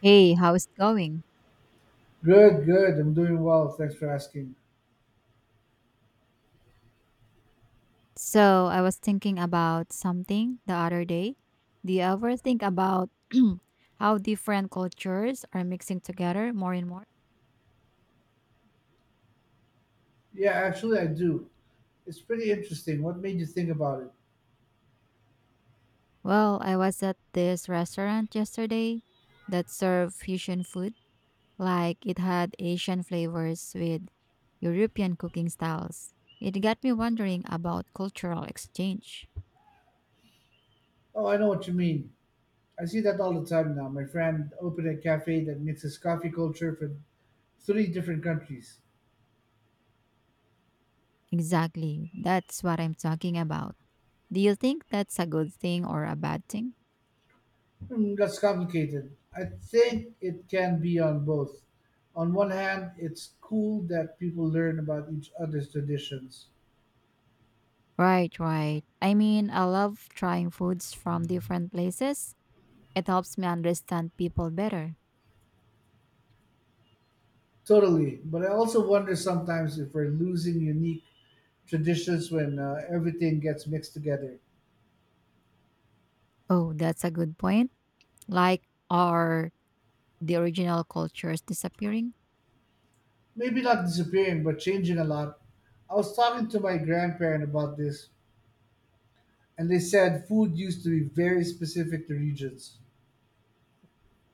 Hey, how's it going? Good, good. I'm doing well. Thanks for asking. So, I was thinking about something the other day. Do you ever think about how different cultures are mixing together more and more? Yeah, actually, I do. It's pretty interesting. What made you think about it? Well, I was at this restaurant yesterday that served fusion food, like it had Asian flavors with European cooking styles. It got me wondering about cultural exchange. Oh, I know what you mean. I see that all the time now. My friend opened a cafe that mixes coffee culture from three different countries. Exactly, that's what I'm talking about. Do you think that's a good thing or a bad thing? Hmm, that's complicated. I think it can be on both. On one hand, it's cool that people learn about each other's traditions. Right, right. I mean, I love trying foods from different places. It helps me understand people better. Totally. But I also wonder sometimes if we're losing unique traditions when everything gets mixed together. Oh, that's a good point. Like, are the original cultures disappearing? Maybe not disappearing, but changing a lot. I was talking to my grandparent about this, and they said food used to be very specific to regions.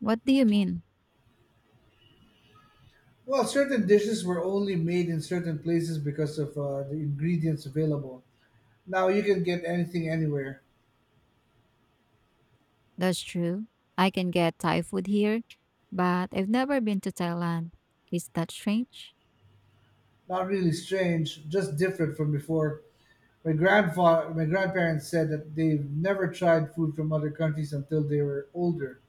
What do you mean? Well, certain dishes were only made in certain places because of the ingredients available. Now you can get anything anywhere. That's true. I can get Thai food here, but I've never been to Thailand. Is that strange? Not really strange, just different from before. My grandparents said that they've never tried food from other countries until they were older.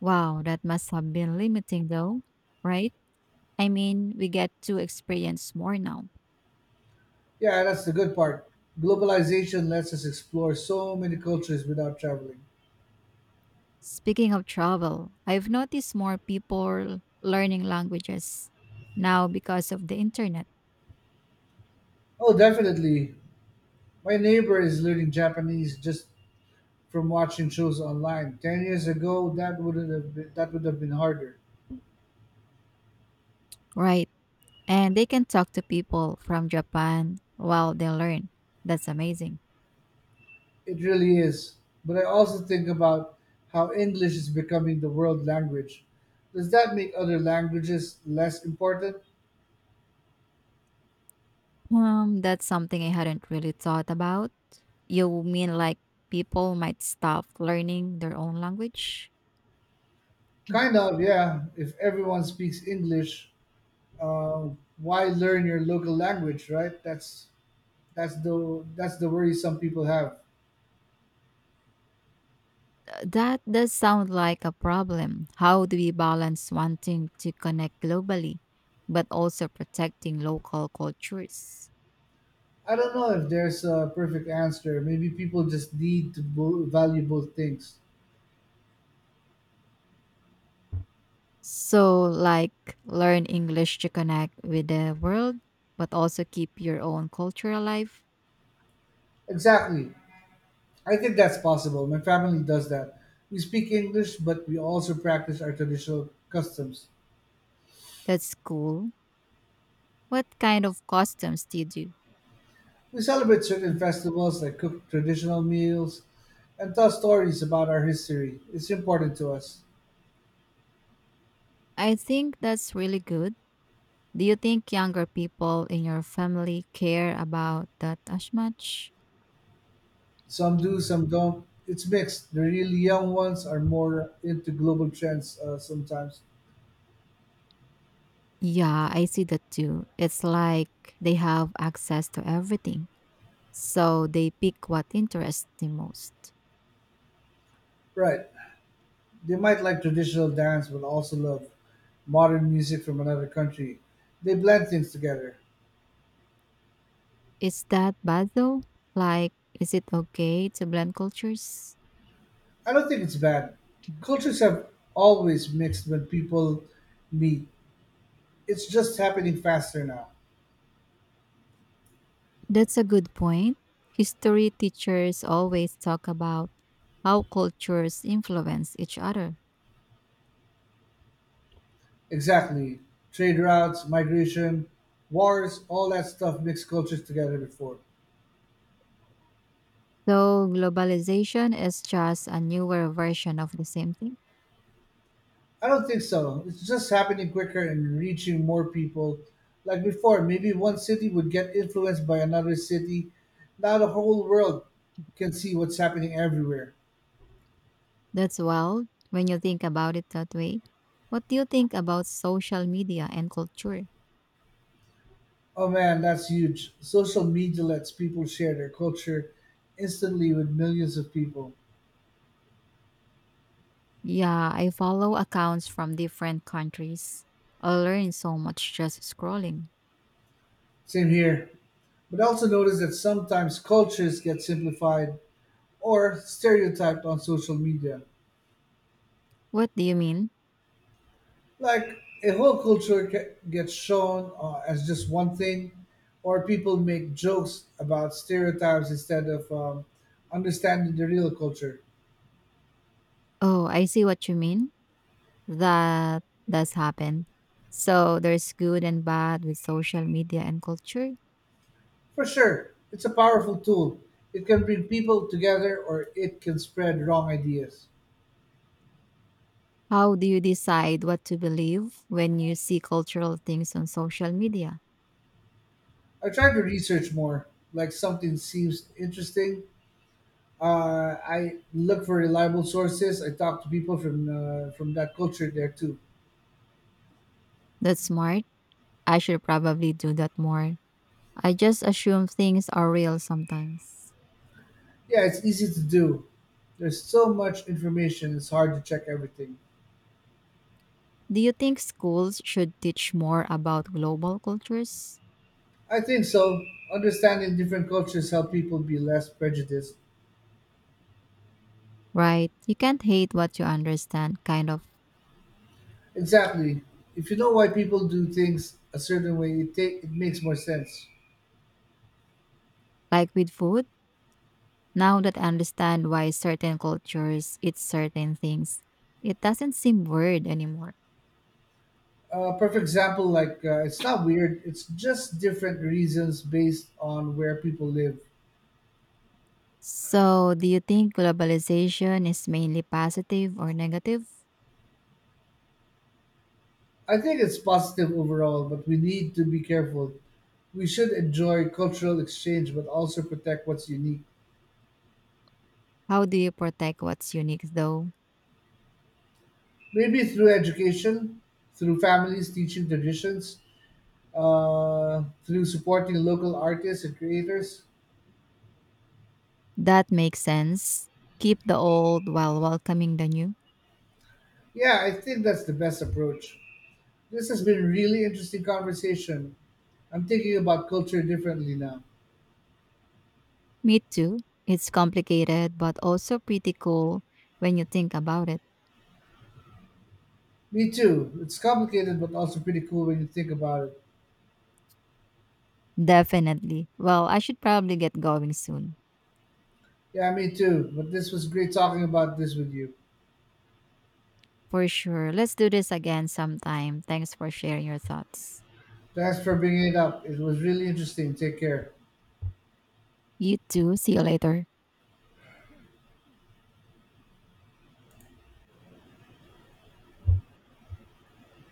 Wow, that must have been limiting though, right? I mean, we get to experience more now. Yeah, that's the good part. Globalization lets us explore so many cultures without traveling. Speaking of travel, I've noticed more people learning languages now because of the internet, Oh, definitely. My neighbor is learning Japanese just from watching shows online. 10 years ago, that wouldn't have been, that would have been harder. right? And they can talk to people from Japan while they learn. That's amazing. It really is. But I also think about how English is becoming the world language. Does that make other languages less important? That's something I hadn't really thought about. You mean like people might stop learning their own language? Kind of, yeah. If everyone speaks English, uh, why learn your local language, right? That's the worry some people have. That does sound like a problem. How do we balance wanting to connect globally but also protecting local cultures? I don't know if there's a perfect answer. Maybe people just need to value both things. So, like, learn English to connect with the world, but also keep your own culture alive. Exactly. I think that's possible. My family does that. We speak English, but we also practice our traditional customs. That's cool. What kind of costumes do you do? We celebrate certain festivals like cook traditional meals and tell stories about our history. It's important to us. I think that's really good. Do you think younger people in your family care about that as much? Some do, some don't. It's mixed. The really young ones are more into global trends sometimes. Yeah, I see that too. It's like they have access to everything, so they pick what interests them most. Right. They might like traditional dance but also love modern music from another country. They blend things together. Is that bad though? Like, is it okay to blend cultures? I don't think it's bad. Cultures have always mixed when people meet. It's just happening faster now. That's a good point. History teachers always talk about how cultures influence each other. Exactly. Trade routes, migration, wars, all that stuff mixed cultures together before. So globalization is just a newer version of the same thing. I don't think so. It's just happening quicker and reaching more people. Like before, maybe one city would get influenced by another city. Now the whole world can see what's happening everywhere. That's wild when you think about it that way. What do you think about social media and culture? Oh man, that's huge. Social media lets people share their culture instantly with millions of people. Yeah, I follow accounts from different countries. I learn so much just scrolling. Same here. But I also notice that sometimes cultures get simplified or stereotyped on social media. What do you mean? Like a whole gets shown as just one thing, or people make jokes about stereotypes instead of understanding the real culture. Oh, I see what you mean. That does happen. So there's good and bad with social media and culture. For sure, it's a powerful tool. It can bring people together, or it can spread wrong ideas. How do you decide what to believe when you see cultural things on social media? I try to research more. Like something seems interesting, I look for reliable sources. I talk to people from that culture there too. That's smart. I should probably do that more. I just assume things are real sometimes. Yeah, it's easy to do. There's so much information, it's hard to check everything. Do you think schools should teach more about global cultures? I think so. Understanding different cultures help people be less prejudiced. Right. You can't hate what you understand, kind of Exactly. If you know why people do things a certain way, it makes more sense. like with food. Now that I understand why certain cultures eat certain things, it doesn't seem weird anymore. A perfect example, like it's not weird. It's just different reasons based on where people live. So, do you think globalization is mainly positive or negative? I think it's positive overall, but we need to be careful. We should enjoy cultural exchange, but also protect what's unique. How do you protect what's unique though? Maybe through education, through families teaching traditions, through supporting local artists and creators. That makes sense. Keep the old while welcoming the new. Yeah, I think that's the best approach. This has been a really interesting conversation. I'm thinking about culture differently now. Me too. It's complicated but also pretty cool when you think about it. Me too. It's complicated, but also pretty cool when you think about it. Definitely. Well, I should probably get going soon. Yeah, me too. But this was great talking about this with you. For sure. Let's do this again sometime. Thanks for sharing your thoughts. Thanks for bringing it up. It was really interesting. Take care. You too. See you later.